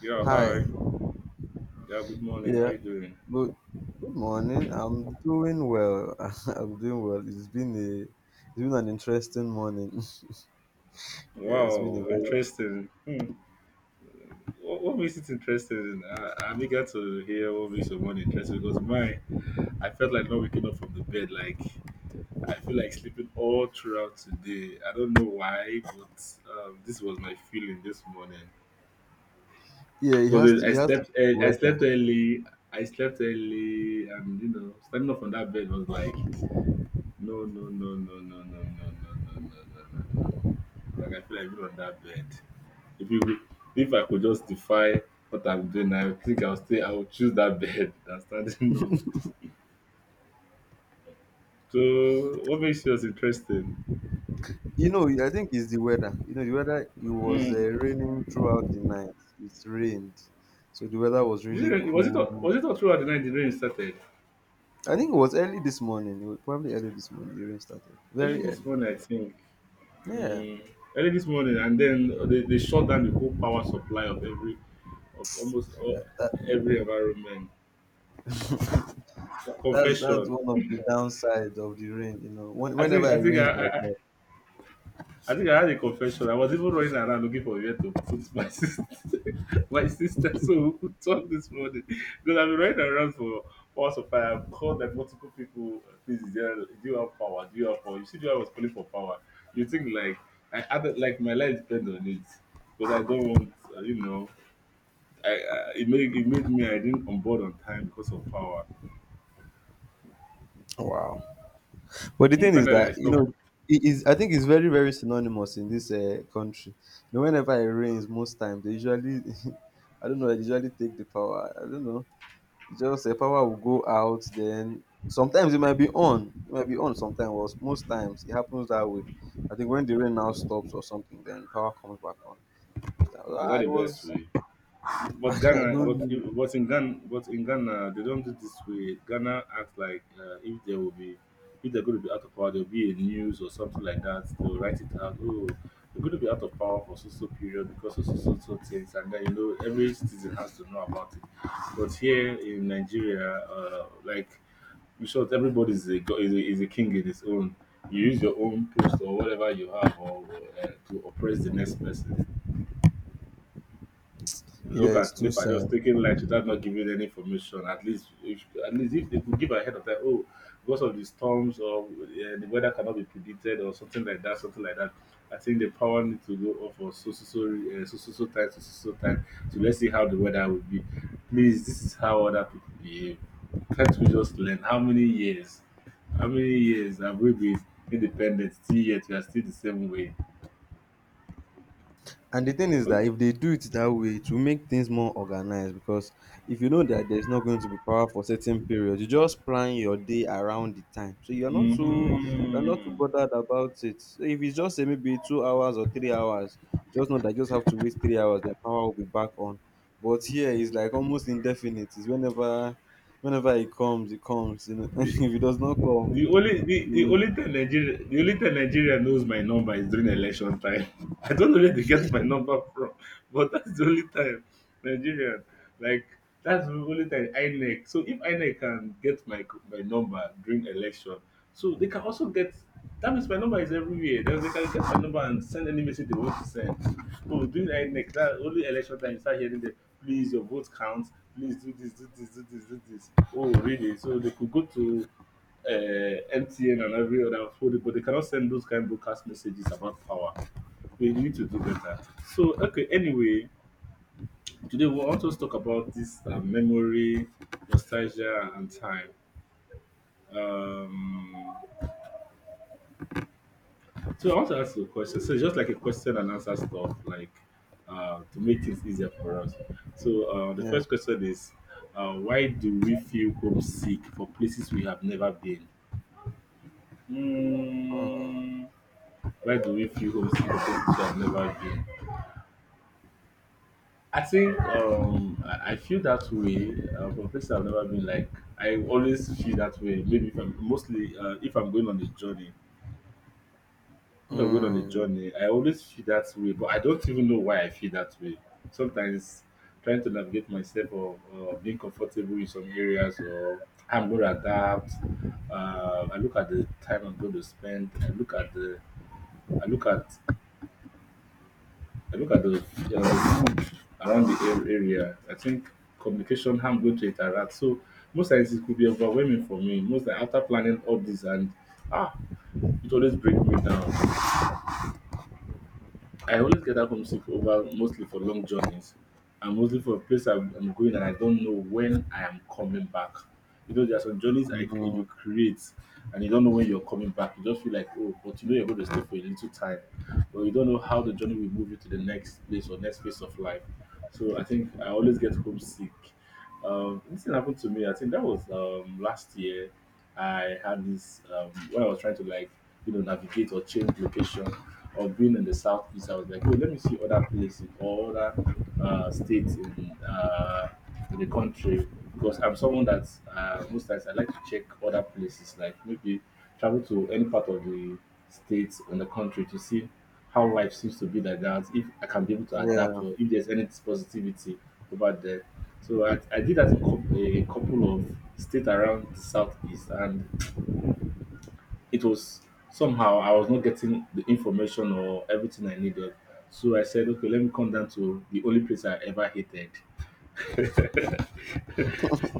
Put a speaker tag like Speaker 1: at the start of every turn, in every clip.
Speaker 1: Yeah, hi.
Speaker 2: Hi.
Speaker 1: Yeah, good morning. How
Speaker 2: Yeah.
Speaker 1: you doing?
Speaker 2: Good. Good morning. I'm doing well. I'm doing well. It's been an interesting morning. Yeah, it's been a
Speaker 1: Wow,
Speaker 2: very.
Speaker 1: interesting. What makes it interesting? I'm eager to hear what makes your morning interesting because mine, I felt like not waking up from the bed. Like I feel like sleeping all throughout today. I don't know why, but this was my feeling this morning.
Speaker 2: Yeah, it has
Speaker 1: Because
Speaker 2: to.
Speaker 1: I
Speaker 2: It has to
Speaker 1: slept,
Speaker 2: be the
Speaker 1: I
Speaker 2: weather.
Speaker 1: slept early. I slept early, and you know, standing up from that bed was like no, no, no, no, no, no, no, no, no, no, no, no, no. Like I feel like even on that bed. If you if I could justify what I'm doing, I think I would choose that bed than standing up. So what makes yours interesting?
Speaker 2: You know, I think it's the weather. You know, the weather. It was
Speaker 1: Mm.
Speaker 2: raining throughout the night. It rained, so the weather was really cool.
Speaker 1: Was it all throughout the night the rain started?
Speaker 2: I think it was early this morning. It was probably early this morning. The rain started
Speaker 1: Early
Speaker 2: very
Speaker 1: this
Speaker 2: early.
Speaker 1: morning I think.
Speaker 2: Yeah,
Speaker 1: Mm. Early this morning and then they shut down the whole power supply of every of almost all,
Speaker 2: that,
Speaker 1: every environment.
Speaker 2: that's
Speaker 1: Confession.
Speaker 2: one of the downsides of the rain. You know,
Speaker 1: I
Speaker 2: whenever
Speaker 1: think I
Speaker 2: it
Speaker 1: think
Speaker 2: rains
Speaker 1: I,
Speaker 2: like
Speaker 1: I
Speaker 2: that.
Speaker 1: I think I had a confession. I was even running around looking for where to put my sister, my sister, so we could talk this morning. Because I've been running around for hours of fire. I've called like multiple people. Please, is there, do you have power? Do you have power? You see, I was calling for power. You think like I added like my life depends on it, because I don't want you know. I it made me I didn't on board on time because of power.
Speaker 2: Wow. But the
Speaker 1: Mm.
Speaker 2: thing is
Speaker 1: Finally,
Speaker 2: that,
Speaker 1: I
Speaker 2: you
Speaker 1: stopped.
Speaker 2: know, it is. I think it's very very synonymous in this country. You know, whenever it rains, most times they usually, I don't know, they usually take the power. I don't know. It's just the power will go out. Then sometimes it might be on. It might be on sometimes. Or most times it happens that way. I think when the rain now stops or something, then power comes back on. Most times,
Speaker 1: Is
Speaker 2: ah,
Speaker 1: that the
Speaker 2: it
Speaker 1: best
Speaker 2: was.
Speaker 1: way? But
Speaker 2: I
Speaker 1: Ghana,
Speaker 2: don't know.
Speaker 1: but in Ghana, they don't do this way. Ghana acts like if there will be, if they're going to be out of power, there'll be a news or something like that. They'll write it out. Oh, they're going to be out of power for so so period because of so so so things, and then you know every citizen has to know about it. But here in Nigeria, like in short, everybody is a, go- is a king in his own. You use your own post or whatever you have or, to oppress the next person. Look
Speaker 2: Yeah, it's
Speaker 1: at
Speaker 2: too
Speaker 1: NEPA
Speaker 2: sad.
Speaker 1: just taking light without not giving any information. At least if they could give ahead of time, oh, because of the storms or the weather cannot be predicted or something like that, something like that. I think the power need to go off for so so so so so so time so so so time. So let's see how the weather will be. Please, this is how other people behave. Can't we just learn? How many years? How many years have we been independent? Still yet we are still the same way.
Speaker 2: And the thing is that if they do it that way, it will make things more organized, because if you know that there's not going to be power for certain periods, you just plan your day around the time. So you're not
Speaker 1: Mm-hmm.
Speaker 2: too bothered about it. So if it's just say maybe 2 hours or 3 hours, just know that you just have to wait 3 hours, the power will be back on. But here it's like almost indefinite. It's whenever it comes, it comes. You know, if it does not come,
Speaker 1: The
Speaker 2: you
Speaker 1: only time Nigeria the only time Nigeria knows my number is during election time. I don't know where they get my number from, but that's the only time Nigeria like that's the only time INEC. So if INEC can get my my number during election, so they can also get that means my number is everywhere. Then they can get my number and send any message they want to send. But during INEC, that only election time you start hearing them. Please, your vote counts. Please do this, do this, do this, do this. Oh, really? So they could go to MTN and every other food, but they cannot send those kind of broadcast messages about power. We need to do better. So, okay, anyway, today we want to talk about this memory, nostalgia, and time. Um, so, I want to ask you a question. So, it's just like a question and answer stuff, like to make things easier for us. So, the
Speaker 2: yeah.
Speaker 1: first question is why do we feel homesick for places we have never been? Mm. Why do we feel homesick for places we have never been? I think I feel that way for places I've never been. Like I always feel that way. Maybe if I'm mostly if I'm going on a journey, if I'm going on a
Speaker 2: Mm, mm,
Speaker 1: journey, I always feel that way. But I don't even know why I feel that way. Sometimes trying to navigate myself or being comfortable in some areas or I'm going to adapt. I look at the time I'm going to spend. I look at I look at the, yeah, the food around the area. I think communication, how I'm going to interact. So most times it could be overwhelming for me. Most times after planning all this and ah, it always breaks me down. I always gather homesick over mostly for long journeys and mostly for a place I'm going and I don't know when I am coming back. You know, there are some journeys I
Speaker 2: mm,
Speaker 1: you create and you don't know when you're coming back. You just feel like, oh, but you know you're going to stay for a little time, but you don't know how the journey will move you to the next place or next phase of life. So I think I always get homesick. This thing happened to me. I think that was last year. I had this when I was trying to like you know navigate or change location or being in the southeast. I was like, oh, let me see other places or other states in the country because I'm someone that most times I like to check other places, like maybe travel to any part of the states in the country to see how life seems to be like that, if I can be able to adapt
Speaker 2: yeah.
Speaker 1: or if there's any positivity over there. So I did that in a couple of states around the southeast, and it was somehow I was not getting the information or everything I needed. So I said, okay, let me come down to the only place I ever hated.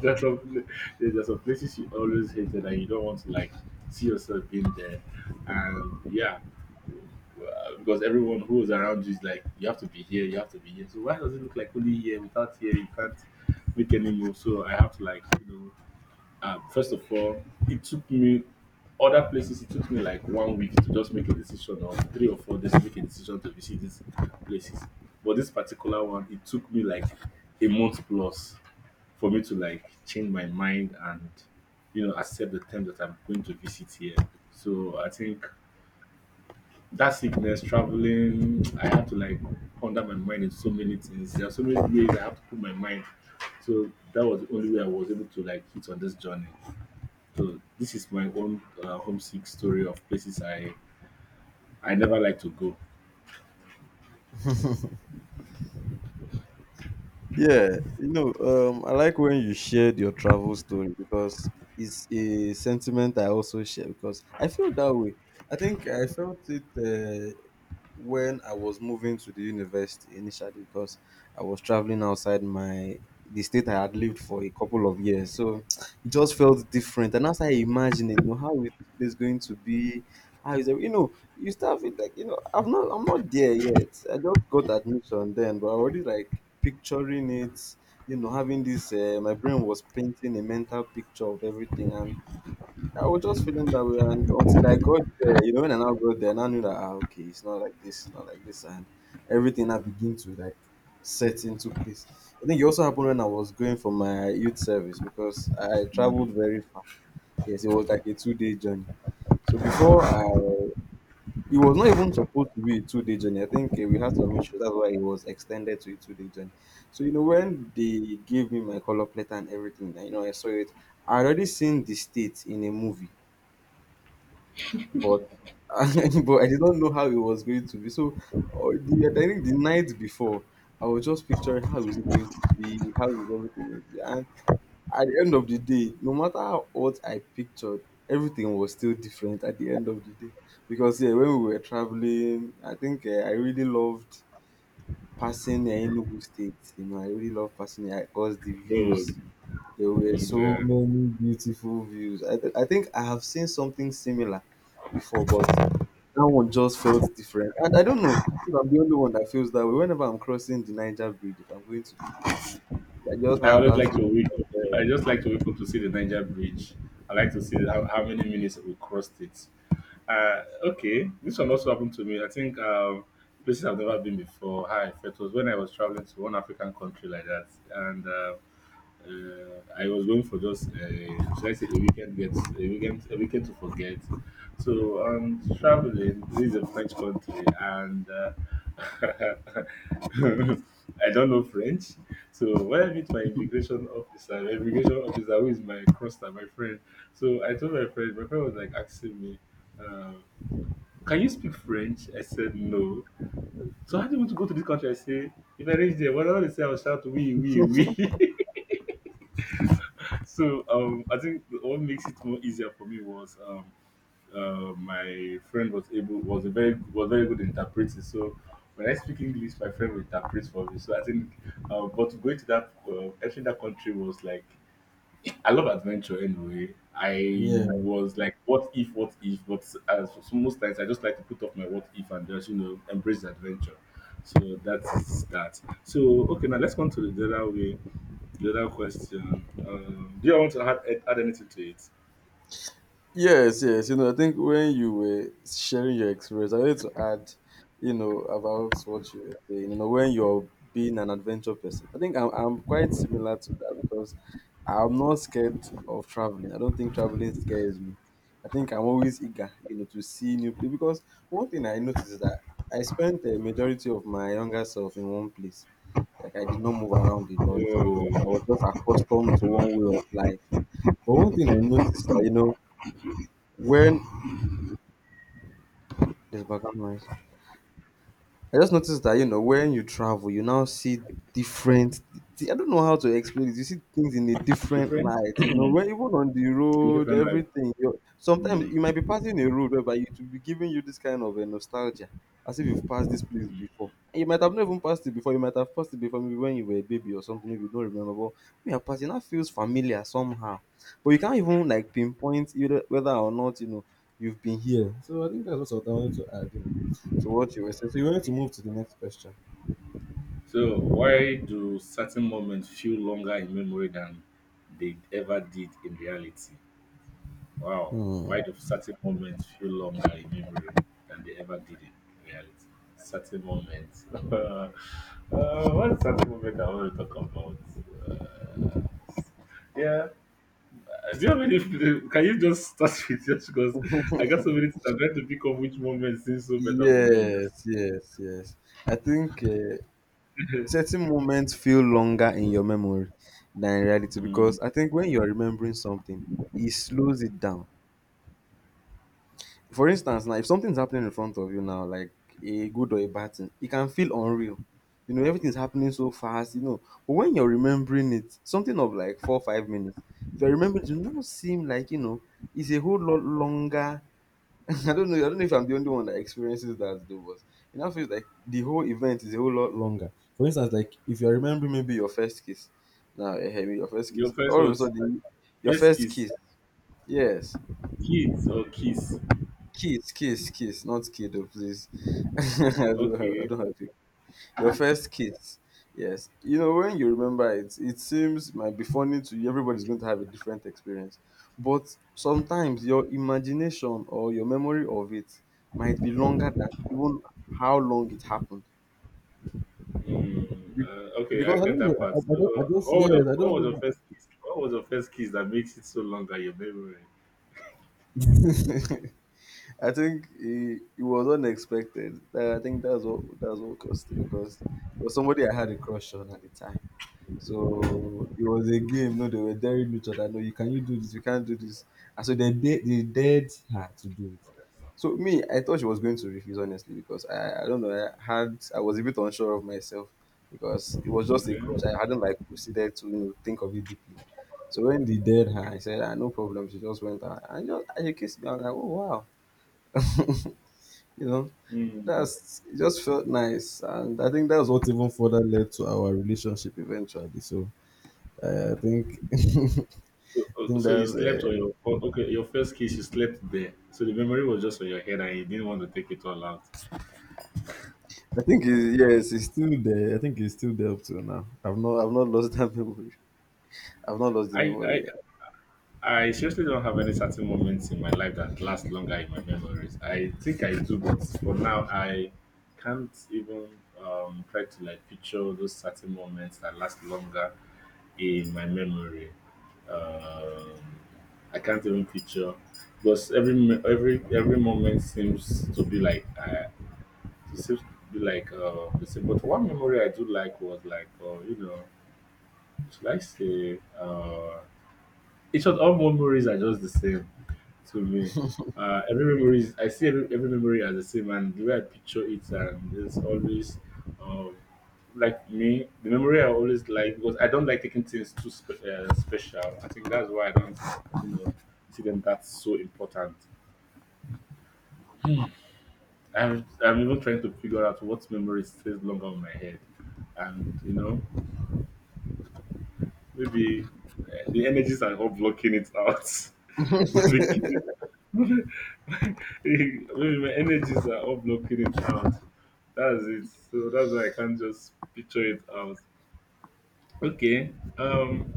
Speaker 1: there's, some, there's some places you always hated and you don't want to like see yourself being there. And yeah, because everyone who was around you is like, you have to be here, you have to be here. So why does it look like only here without here? You can't make any move. So I have to like, you know, first of all, it took me other places. It took me like 1 week to just make a decision, or 3 or 4 days to make a decision to visit these places. But this particular one, it took me like a month plus for me to like change my mind and you know accept the time that I'm going to visit here. So I think that sickness, traveling, I have to like ponder my mind in so many things. There are so many ways I have to put my mind. So that was the only way I was able to like hit on this journey. So this is my own homesick story of places I never like to go.
Speaker 2: Yeah, you know, I like when you shared your travel story, because it's a sentiment I also share, because I feel that way. I think I felt it. When I was moving to the university initially, because I was traveling outside my the state I had lived for a couple of years. So it just felt different. And as I imagined, you know, how is this place going to be? How is it? You know, you start with like, you know, I'm not there yet. I just got admission then, but I already like picturing it. You know, having this, my brain was painting a mental picture of everything, and I was just feeling that way, and until I got there, you know, when I now got there, I now knew that ah, okay, it's not like this, it's not like this, and everything I begin to like set into place. I think it also happened when I was going for my youth service, because I traveled very far. Yes, it was like a two-day journey. So it was not even supposed to be a two-day journey. I think eh, we had some issues, that's why it was extended to a two-day journey. So you know, when they gave me my color plate and everything, you know, I saw it. I already seen the state in a movie but but I did not know how it was going to be. So I think the night before, I was just picturing how is it going to be, how is everything going to be, and at the end of the day, no matter how what I pictured, everything was still different at the end of the day. Because yeah, when we were traveling, I think I really loved passing Enugu State. You know, I really loved passing because the
Speaker 1: So
Speaker 2: views. There were
Speaker 1: and,
Speaker 2: so many beautiful views. I think I have seen something similar before, but that one just felt different. And I don't know if I'm the only one that feels that way. Whenever I'm crossing the Niger Bridge, if I'm going to the east, you know, I just
Speaker 1: I
Speaker 2: have
Speaker 1: always
Speaker 2: that
Speaker 1: like to
Speaker 2: feeling
Speaker 1: wake
Speaker 2: of,
Speaker 1: up. I just like to wake up to see the Niger Bridge. I like to see how many minutes we crossed it. Okay, this one also happened to me. I think places I've never been before. How I felt was when I was traveling to one African country like that, and I was going for just should I say a weekend get a weekend to forget. So traveling. This is a French country, and I don't know French. So when I meet my immigration officer who is my crosser, my friend. So I told my friend. My friend was like asking me. Uh, can you speak French? I said no. So how do you want to go to this country? I say, if I reach there, whatever they say, I'll shout we, we. so I think what makes it more easier for me was my friend was able was a very was very good interpreter. So when I speak English, my friend will interpret for me. So I think, but going to that entering that country was like I love adventure anyway. I
Speaker 2: yeah.
Speaker 1: was like, what if, but as so most times I just like to put off my what if and just, you know, embrace the adventure. So that's that. So, okay, now let's come to the other way, the other question. Do you want to add anything to it?
Speaker 2: Yes, yes. You know, I think when you were sharing your experience, I wanted to add, you know, about what you were saying. You know, when you're being an adventure person, I think I'm quite similar to that, because I'm not scared of traveling. I don't think traveling scares me. I think I'm always eager, you know, to see new place, because one thing I noticed is that I spent the majority of my younger self in one place. Like I did not move around a lot, so I was just accustomed to
Speaker 1: Uh,
Speaker 2: one way of life. But one thing I noticed that you know when there's background noise. I just noticed that you know when you travel, you now see different. I don't know how to explain it. You see things in a different
Speaker 1: different,
Speaker 2: light. You know, when even on the
Speaker 1: your
Speaker 2: road,
Speaker 1: different life.
Speaker 2: everything. You sometimes
Speaker 1: Mm.
Speaker 2: you might be passing a road whereby it will be giving you this kind of a nostalgia, as if you've passed this place before. And you might have not even passed it before. You might have passed it before, maybe when you were a baby or something. Maybe you don't remember, but when you're passing, that feels familiar somehow. But you can't even like pinpoint either whether or not you know you've been here. So I think that's what I wanted to add. Yeah, to what you were saying. So you wanted to move to the next question.
Speaker 1: So, why do certain moments feel longer in memory than they ever did in reality? Wow,
Speaker 2: Hmm.
Speaker 1: why do certain moments feel longer in memory than they ever did in reality? Certain moments. What certain moment I want to talk about? Uh, yeah. Do you have any? Can you just start with just because I got so many things. I'm trying to pick up which moment seems so better for me. Just
Speaker 2: Yes, yes, yes. I think certain moments feel longer in your memory than in reality,
Speaker 1: mm,
Speaker 2: because I think when you're remembering something, it slows it down. For instance, now if something's happening in front of you now, like a good or a bad thing, it can feel unreal. You know, everything's happening so fast, you know. But when you're remembering it, something of like four, 5 minutes, if you remember, it will now seem like, you know, it's a whole lot longer. I don't know. I don't know if I'm the only one that experiences that though, but it now feels like the whole event is a whole lot longer. For instance, like if you're remembering maybe your first kiss, now maybe your first
Speaker 1: your
Speaker 2: kiss,
Speaker 1: first
Speaker 2: all of a
Speaker 1: was
Speaker 2: sudden your
Speaker 1: first
Speaker 2: first
Speaker 1: kiss,
Speaker 2: kiss, yes,
Speaker 1: kids or kiss.
Speaker 2: kiss, kiss, kiss, not kiddo, please. I
Speaker 1: Okay.
Speaker 2: don't have your first kiss. Yes. You know, when you remember it, it seems might be funny to you. Everybody's going to have a different experience. But sometimes your imagination or your memory of it might be longer than even how long it happened. Be-
Speaker 1: Okay, I
Speaker 2: Because I
Speaker 1: get
Speaker 2: don't know.
Speaker 1: that part. So,
Speaker 2: I, don't, I just,
Speaker 1: what
Speaker 2: yes,
Speaker 1: was
Speaker 2: I don't
Speaker 1: your
Speaker 2: know.
Speaker 1: first kiss? What was the first kiss that makes it so long that your memory?
Speaker 2: It was unexpected. I think that's what caused it, because it was somebody I had a crush on at the time. So it was a game. No, they were daring each other. No, you can you do this? You can't do this. And so they dared her to do it. So me, I thought she was going to refuse honestly because I don't know. I was a bit unsure of myself because it was just a crush. I
Speaker 1: Okay.
Speaker 2: hadn't like proceeded to you know think of it deeply. So when they dared her, I said, ah, no problem. She just went out and just and she kissed me. I was like, oh wow, you know.
Speaker 1: Mm.
Speaker 2: That's it just felt nice, and I think that's what even further led to our relationship eventually. So I think
Speaker 1: So,
Speaker 2: think
Speaker 1: so you
Speaker 2: that's
Speaker 1: slept
Speaker 2: uh,
Speaker 1: on your oh, okay your first kiss. You slept there, so the memory was just on your head, and you didn't want to take it all out.
Speaker 2: I think it, yes, it's still there. I think it's still there up till now. I've not lost that memory. I've not lost the
Speaker 1: I
Speaker 2: memory
Speaker 1: I
Speaker 2: yet.
Speaker 1: I seriously don't have any certain moments in my life that last longer in my memories. I think I do, but for now, I can't even try to like picture those certain moments that last longer in my memory. Um, I can't even picture because every mo- every moment seems to be like it seems to be like the same. But one memory I do like was like you know, should I say? In short, all memories are just the same to me. Every memory, is, I see every memory as the same, and the way I picture it, and it's always um, like me. The memory I always like because I don't like taking things too special. I think that's why I don't, you know, see them that so important. I'm even trying to figure out what memory stays longer on my head, and you know, maybe the energies are all blocking it out. Not making it- Maybe my energies are all blocking it out. That's it. So that's why I can't just picture it out. Okay. Um,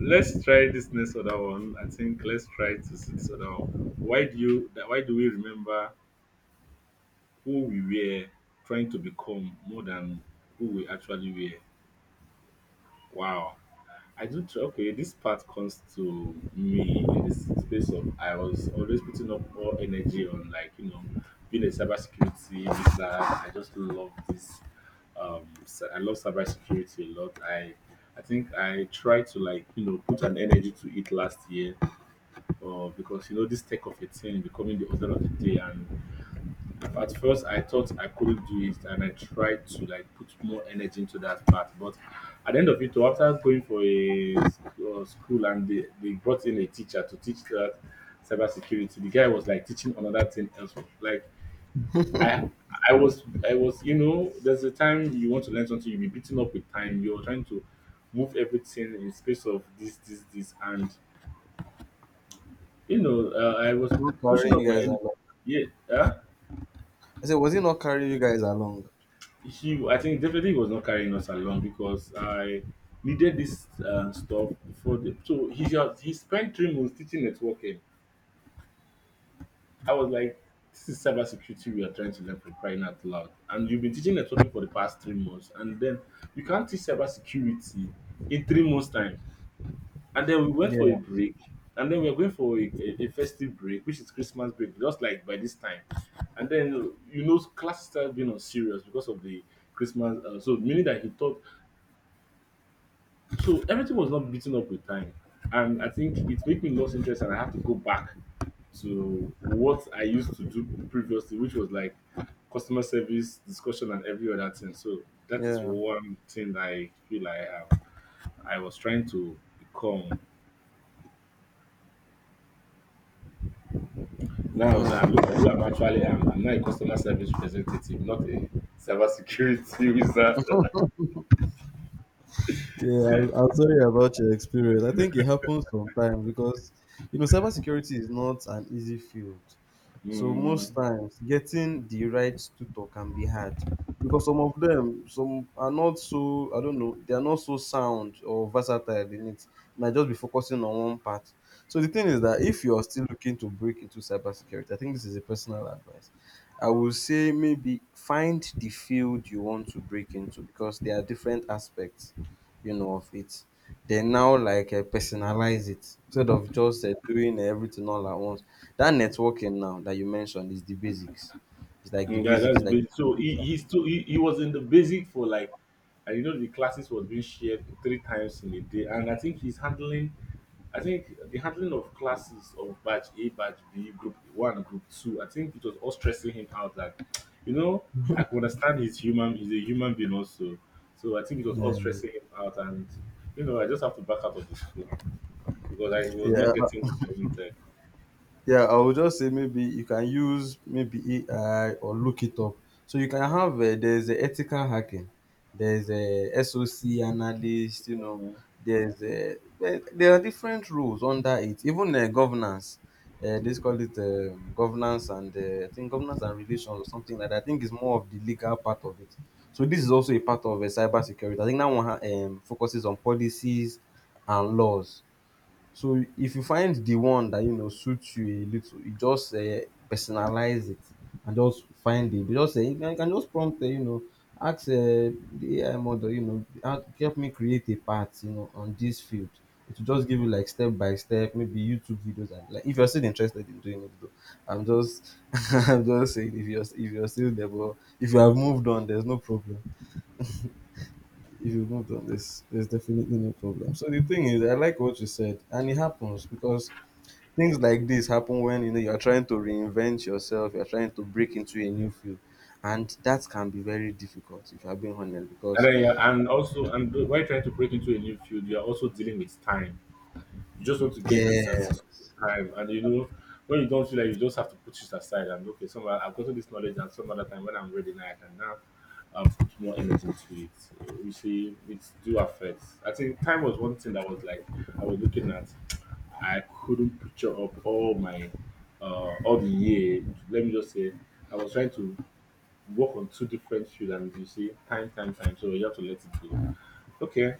Speaker 1: let's try this next other one. I think let's try to see this other one. Why do we remember who we were trying to become more than who we actually were? Wow. I do try. Okay, this part comes to me in this space of I was always putting up all energy on like you know being a cybersecurity wizard. I just love this. I love cybersecurity a lot. I think I tried to like you know put an energy to it last year, because you know this tech of a thing becoming the order of the day and at first, I thought I couldn't do it, and I tried to like put more energy into that part. But at the end of it, all, after going for a school and they brought in a teacher to teach that cybersecurity, the guy was like teaching another thing else. Like I, I was, I was, you know, there's a time you want to learn something, you'll be beaten up with time. You're trying to move everything in space of this, and you know, I was
Speaker 2: Not
Speaker 1: pushing
Speaker 2: carrying
Speaker 1: up
Speaker 2: you
Speaker 1: my,
Speaker 2: guys
Speaker 1: en-
Speaker 2: along.
Speaker 1: yeah, huh?
Speaker 2: I said, was it not carrying you guys along?
Speaker 1: She I think definitely was not carrying us along because I needed this stuff before the so he spent 3 months teaching networking. I was like, this is cybersecurity we are trying to learn for crying out loud. And you've been teaching networking for the past 3 months, and then you can't teach cybersecurity in 3 months' time. And then we went for a
Speaker 2: Yeah,
Speaker 1: break, and then we were going for a festive break, which is Christmas break, just like by this time. And then you know, class started being on serious because of the Christmas. So meaning that he thought so everything was not beaten up with time. And I think it made me lose interest and I have to go back to what I used to do previously, which was like customer service, discussion and every other thing. So that is
Speaker 2: yeah.
Speaker 1: one thing that I feel I have I was trying to become now that I
Speaker 2: Mm.
Speaker 1: look at who I'm actually am. I'm now a customer service representative, not a cybersecurity wizard.
Speaker 2: Yeah, I'm sorry about your experience. I think it happens sometimes because you know cybersecurity is not an easy field. So
Speaker 1: Hmm.
Speaker 2: most times getting the right tutor can be hard because some of them some are not so I don't know they are not so sound or versatile in it. You might just be focusing on one part. So the thing is that if you are still looking to break into cybersecurity, I think this is a personal advice. I would say maybe find the field you want to break into because there are different aspects, you know, of it they now like personalize it instead of just doing everything all at once. That networking now that you mentioned is the basics. It's like the
Speaker 1: Mm, yeah,
Speaker 2: basics, it's
Speaker 1: that's
Speaker 2: like
Speaker 1: basic. So
Speaker 2: the
Speaker 1: he he's too. He was in the basic for like and you know the classes was being shared three times in a day and I think he's handling I think the handling of classes of batch A, batch B, group one, group two, I think it was all stressing him out that you know, I could understand he's a human being also. So I think it was all
Speaker 2: foundation.
Speaker 1: stressing him out and you know, I just have to back out of the school because I was
Speaker 2: Yeah,
Speaker 1: not getting
Speaker 2: yeah.
Speaker 1: what I
Speaker 2: Yeah, I would just say maybe you can use maybe AI or look it up. So you can have there's a ethical hacking, there's a SOC analyst, you know,
Speaker 1: wanted.
Speaker 2: there's a there are different roles under it. Even governance, they call it governance and I think governance and relations or something like that. I think it's more of the legal part of it. So this is also a part of cyber security. I think that one focuses on policies and laws. So if you find the one that you know suits you a little, you just personalize it and just find it. You can just prompt, you know, ask the AI model, you know, "Ah, help me create a part, you know, on this field. It will just give you like step by step, maybe YouTube videos and like if you're still interested in doing it though. I'm just I'm just saying if you're still there, but if you have moved on, there's no problem. If you've moved on, there's definitely no problem. So the thing is, I like what you said, and it happens because things like this happen when you know you're trying to reinvent yourself, you're trying to break into a new field, and that can be very difficult if you're being honest.
Speaker 1: And
Speaker 2: Because
Speaker 1: then you're, and also, while trying to break into a new field, you're also dealing with time. You just want to get this at
Speaker 2: yeah,
Speaker 1: this time, and you know when you don't feel like you just have to put it aside and okay, some other- I've gotten this knowledge, and some other time when I'm ready now, I can now put more energy into it. You see, it do affect. I think time was one thing that was like I was looking at. I couldn't picture up all my all the year. Let me just say, I was trying to work on two different fields and you see time, time, time. So you have to let it go. Okay.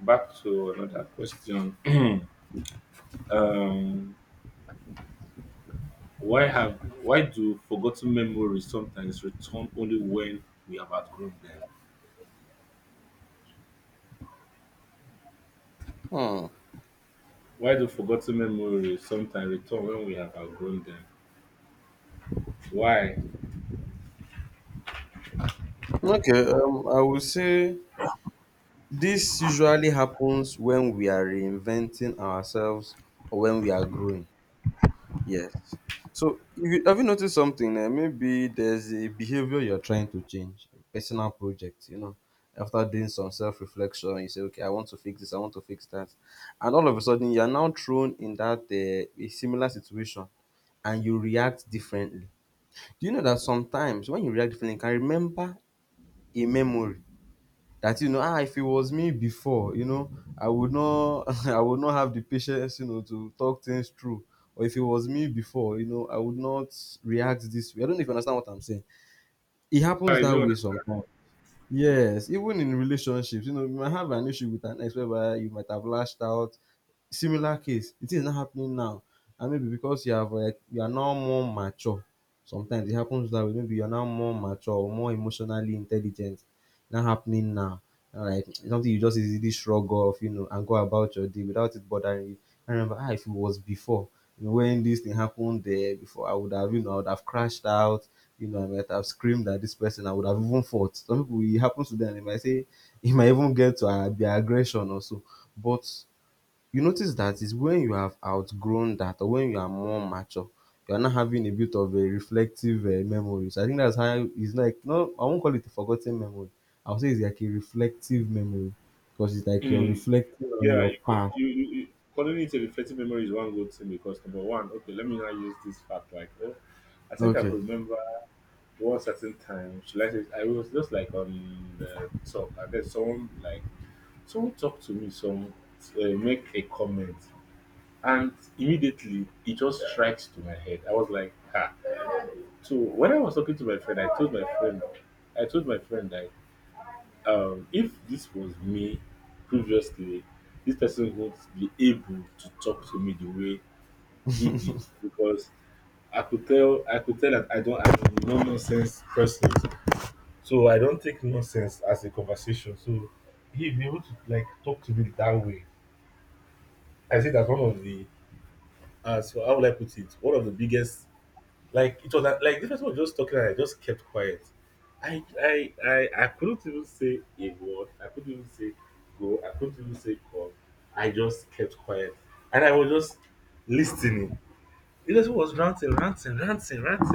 Speaker 1: Back to another question. Um, why have why do forgotten memories sometimes return only when we have outgrown them?
Speaker 2: hmm.
Speaker 1: Why do forgotten memories sometimes return when we have outgrown them? Why?
Speaker 2: Okay, I would say this usually happens when we are reinventing ourselves or when we are growing. Yes. So if you, have you noticed something? Maybe there's a behavior you're trying to change, a personal project, you know. After doing some self reflection, you say, okay, I want to fix this, I want to fix that. And all of a sudden, you're now thrown in that a similar situation and you react differently. Do you know that sometimes when you react differently, you can remember a memory that you know, ah, if it was me before, you know, I would not I would not have the patience, you know, to talk things through, or if it was me before, you know, I would not react this way. I don't know if you understand what I'm saying. It happens
Speaker 1: I
Speaker 2: that
Speaker 1: do
Speaker 2: way sometimes.
Speaker 1: understand?
Speaker 2: Yes, even in relationships, you know, you might have an issue with an ex whereby you might have lashed out. Similar case, it is not happening now. And maybe because you have like you are now more mature. Sometimes it happens that way. Maybe you are now more mature or more emotionally intelligent. Not happening now. Like it's something you just easily shrug off, you know, and go about your day without it bothering you. I remember, ah, if it was before, you know, when this thing happened there before, I would have, you know, I would have crashed out, you know, I might have screamed at this person. I would have even fought. Some people, it happens to them. They might say, it might even get to their aggression or so. But you notice that is when you have outgrown that or when you are more mature. You are not having a bit of a reflective memory. So I think that's how it's like, no, I won't call it a forgotten memory. I'll say it's like a reflective memory because it's like you're
Speaker 1: Mm,
Speaker 2: reflecting on
Speaker 1: yeah,
Speaker 2: your
Speaker 1: you, co-
Speaker 2: past.
Speaker 1: you calling it a reflective memory is one good thing because number one, okay, let me now use this fact like, oh, I think I
Speaker 2: Okay.
Speaker 1: could remember one certain time, should I say, I was just like on the talk, and then someone talked to me, some make a comment, and immediately it just strikes to my head. I was like, ha. So when I was talking to my friend, I told my friend that if this was me previously, this person would be able to talk to me the way he did because I could tell that I'm a no nonsense person. So I don't take nonsense as a conversation. So he be able to like talk to me that way. I see that's one of the so how would I put it? One of the biggest like it was like, this person was just talking and I just kept quiet. I couldn't even say a word. I couldn't even say go. I couldn't even say come. I just kept quiet. And I was just listening. Relationship was ranting, ranting, ranting, ranting.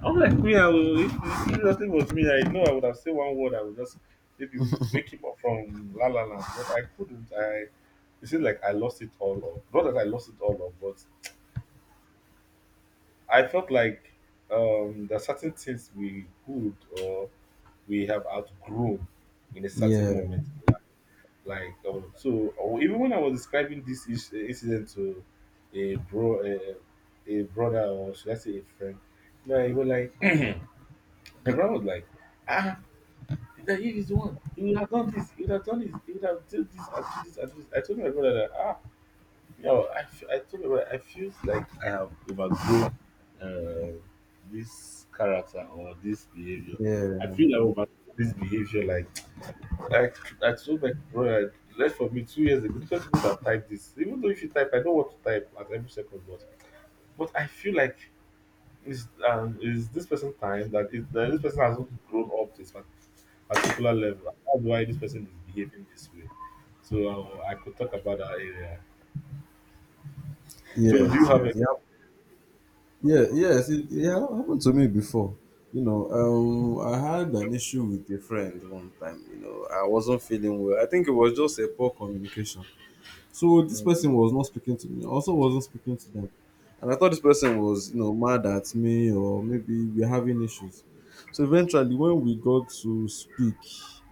Speaker 1: I'm like, me, I will, if it seriously was me, I know I would have said one word, I would just maybe wake him up from la la la. But I couldn't. I, it seemed like I lost it all up. Not that I lost it all up, but I felt like there are certain things we would or we have outgrown in a certain
Speaker 2: Yeah,
Speaker 1: moment like so or even when I was describing this incident to a bro a, a brother or should I say a friend you he was like the brother was like ah that he is the one he would have done this he would have done this he would have done this and do this and do this I told my brother that ah I told my brother I feel like I have overgrown uh, this character or this behavior I
Speaker 2: yeah,
Speaker 1: feel I over this behavior like I I told my brother left for me 2 years ago. Different people have typed this. Even though if you type, I don't want to type at every second, but I feel like is this person time that this person has not grown up to this particular level. That's why this person is behaving this way. So I could talk about that area. So do you
Speaker 2: yes,
Speaker 1: have
Speaker 2: yes.
Speaker 1: a
Speaker 2: Yeah, yeah, yes, it happened to me before. You know, I had an issue with a friend one time. You know, I wasn't feeling well. I think it was just a poor communication. So this
Speaker 1: mhm.
Speaker 2: person was not speaking to me. I also wasn't speaking to them, and I thought this person was, you know, mad at me or maybe we're having issues. So eventually, when we got to speak,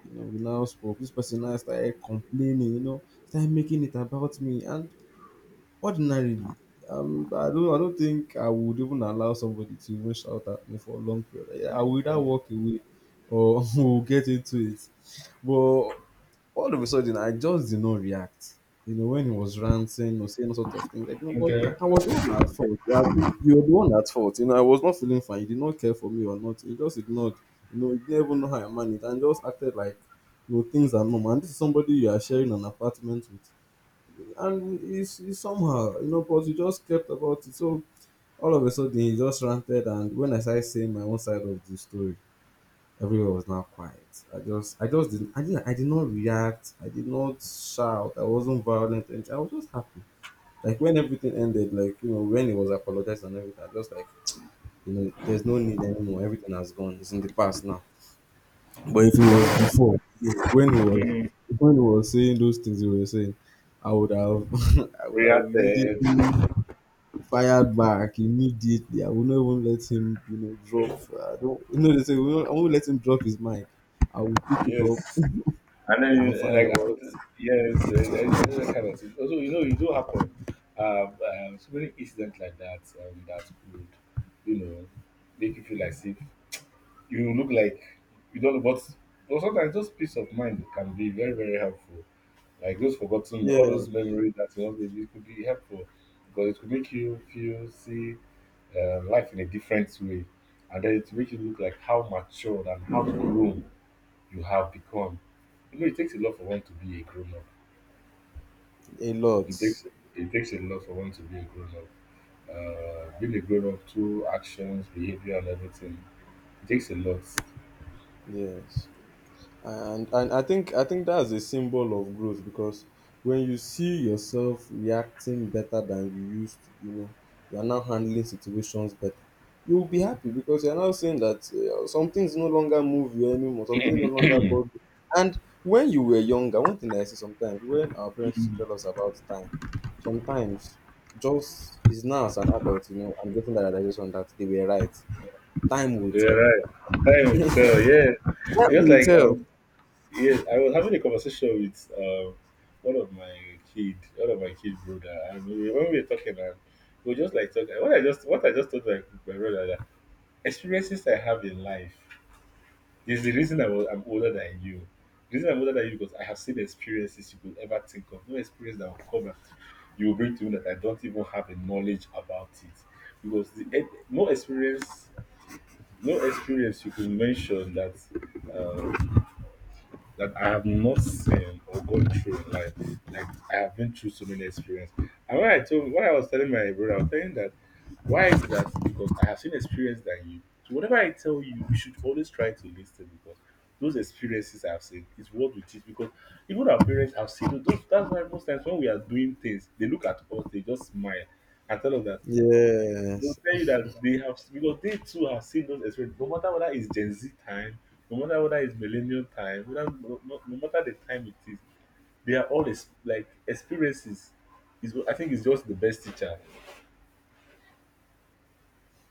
Speaker 2: you know, we now spoke. This person now started complaining. You know, started making it about me, and ordinarily, I don't think I would even allow somebody to even shout at me for a long period. I would either walk away or we'll get into it. But all of a sudden, I just did not react. You know, when he was ranting or saying all sorts of things, like, no, but I was the one at fault. Yeah, you were the one at fault. You know, I was not feeling fine. You did not care for me or not. You just ignored. You know, you didn't even know how I managed and just acted like, you know, things are normal. And this is somebody you are sharing an apartment with and it's somehow, you know, but we just kept about it. So all of a sudden, he just ranted, and when I started saying my own side of the story, everywhere was now quiet. I just didn't, I did not react. I did not shout. I wasn't violent. And I was just happy. Like when everything ended, like you know, when he was apologized and everything, I just like, you know, there's no need anymore. Everything has gone. It's in the past now. But if it was before, when he was,
Speaker 1: Mm,
Speaker 2: when he was saying those things he was saying, I would have, I would have
Speaker 1: prayer there?
Speaker 2: immediately fired back immediately. I will not even let him, you know, drop. I don't, you know, they say, we won't- I won't let him drop his mic. I will pick it up
Speaker 1: Yes. And
Speaker 2: and
Speaker 1: then,
Speaker 2: fire
Speaker 1: like, I would,
Speaker 2: out.
Speaker 1: yes, kind of thing. Also, you know, it do happen. So many incidents like that that could, you know, make you feel as if you look like you don't know what. But sometimes those peace of mind can be very, very helpful. Like those forgotten, all
Speaker 2: Yeah,
Speaker 1: those memories that you lost, it could be helpful because it could make you feel, see life in a different way. And then it makes you look like how matured and how grown you have become. You know, it takes a lot for one to be a grown up.
Speaker 2: a lot.
Speaker 1: It takes it takes a lot for one to be a grown up. Being a grown up, through actions, behavior, and everything, it takes a lot.
Speaker 2: Yes. And I think that's a symbol of growth because when you see yourself reacting better than you used to, you know, you are now handling situations better. You will be happy because you are now saying that, some things no longer move you anymore, some things no longer bother you. And when you were younger, one thing I see sometimes when our parents used to tell us about time, sometimes just is now as an adult, you know, I'm getting that realization that they were right. Time will
Speaker 1: Yeah,
Speaker 2: tell.
Speaker 1: right. Time will tell. Yeah,
Speaker 2: Time
Speaker 1: just
Speaker 2: will
Speaker 1: like
Speaker 2: tell.
Speaker 1: yeah, I was having a conversation with one of my kid, one of my kid brother, and we, when we were talking, and we were just like talking. What I just told my brother that experiences I have in life there's the reason I'm older than you. The reason I'm older than you because I have seen experiences you could ever think of. No experience that will come and you will bring to me that I don't even have a knowledge about it. Because no experience, no experience you could mention that um, that I have not seen or gone through in life. Like I have been through so many experiences. And when I was telling my brother, I was telling that why is that? Because I have seen experience than you. So whatever I tell you, you should always try to listen because those experiences I've seen is what we teach. Because even our parents have seen those. That's why most times when we are doing things, they look at us, they just smile and tell us that they will
Speaker 2: Yes.
Speaker 1: tell you that they have because they too have seen those experiences. No matter whether it's Gen Z time, no matter whether it's millennial time, whether, no, no, no matter the time it is, they are all like experiences. Is what- I think it's just the best teacher.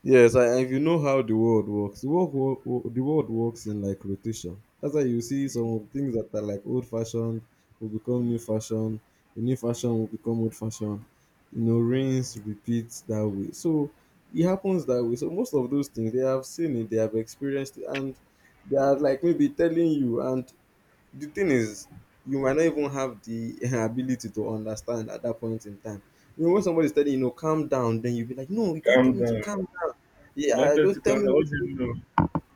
Speaker 2: Yes, and if you know how the world works, the world, the world works in like rotation. That's why you see some of things that are like old fashioned will become new
Speaker 1: Mhm.
Speaker 2: fashion, the new fashion will become old fashion. You know, rinse, repeat that way. So it happens that way. So most of those things they have seen it, they have experienced it, and they are like maybe telling you. And the thing is, you might not even have the ability to understand at that point in time. You know, when somebody's telling you, you know, calm down, then you'll be like, no, you can't
Speaker 1: Calm
Speaker 2: tell me to
Speaker 1: down.
Speaker 2: calm.
Speaker 1: Don't
Speaker 2: Yeah,
Speaker 1: tell to
Speaker 2: don't tell
Speaker 1: calm
Speaker 2: me
Speaker 1: down. What
Speaker 2: what.
Speaker 1: do you know?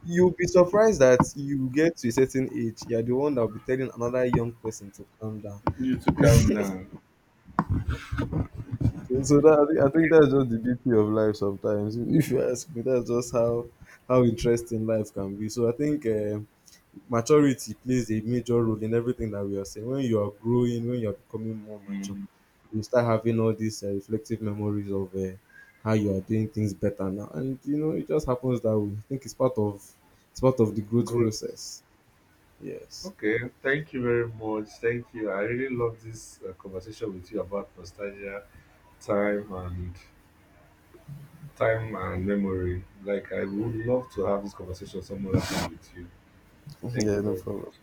Speaker 2: You'll be surprised that you get to a certain age, you're the one that will be telling another young person to calm down.
Speaker 1: You to calm down.
Speaker 2: So, I think that's just the beauty of life sometimes. If you ask me, that's just how interesting life can be. So I think. Maturity plays a major role in everything that we are saying. When you are growing, when you are becoming more mature,
Speaker 1: Mm,
Speaker 2: you start having all these reflective memories of how you are doing things better now, and you know it just happens that way. I think it's part of the growth
Speaker 1: good.
Speaker 2: process. Yes.
Speaker 1: Okay. Thank you very much. Thank you. I really love this conversation with you about nostalgia, time, and time and memory. Like I would love to have this conversation some other time with you. Thank you
Speaker 2: Yeah, no
Speaker 1: very
Speaker 2: problem.
Speaker 1: much.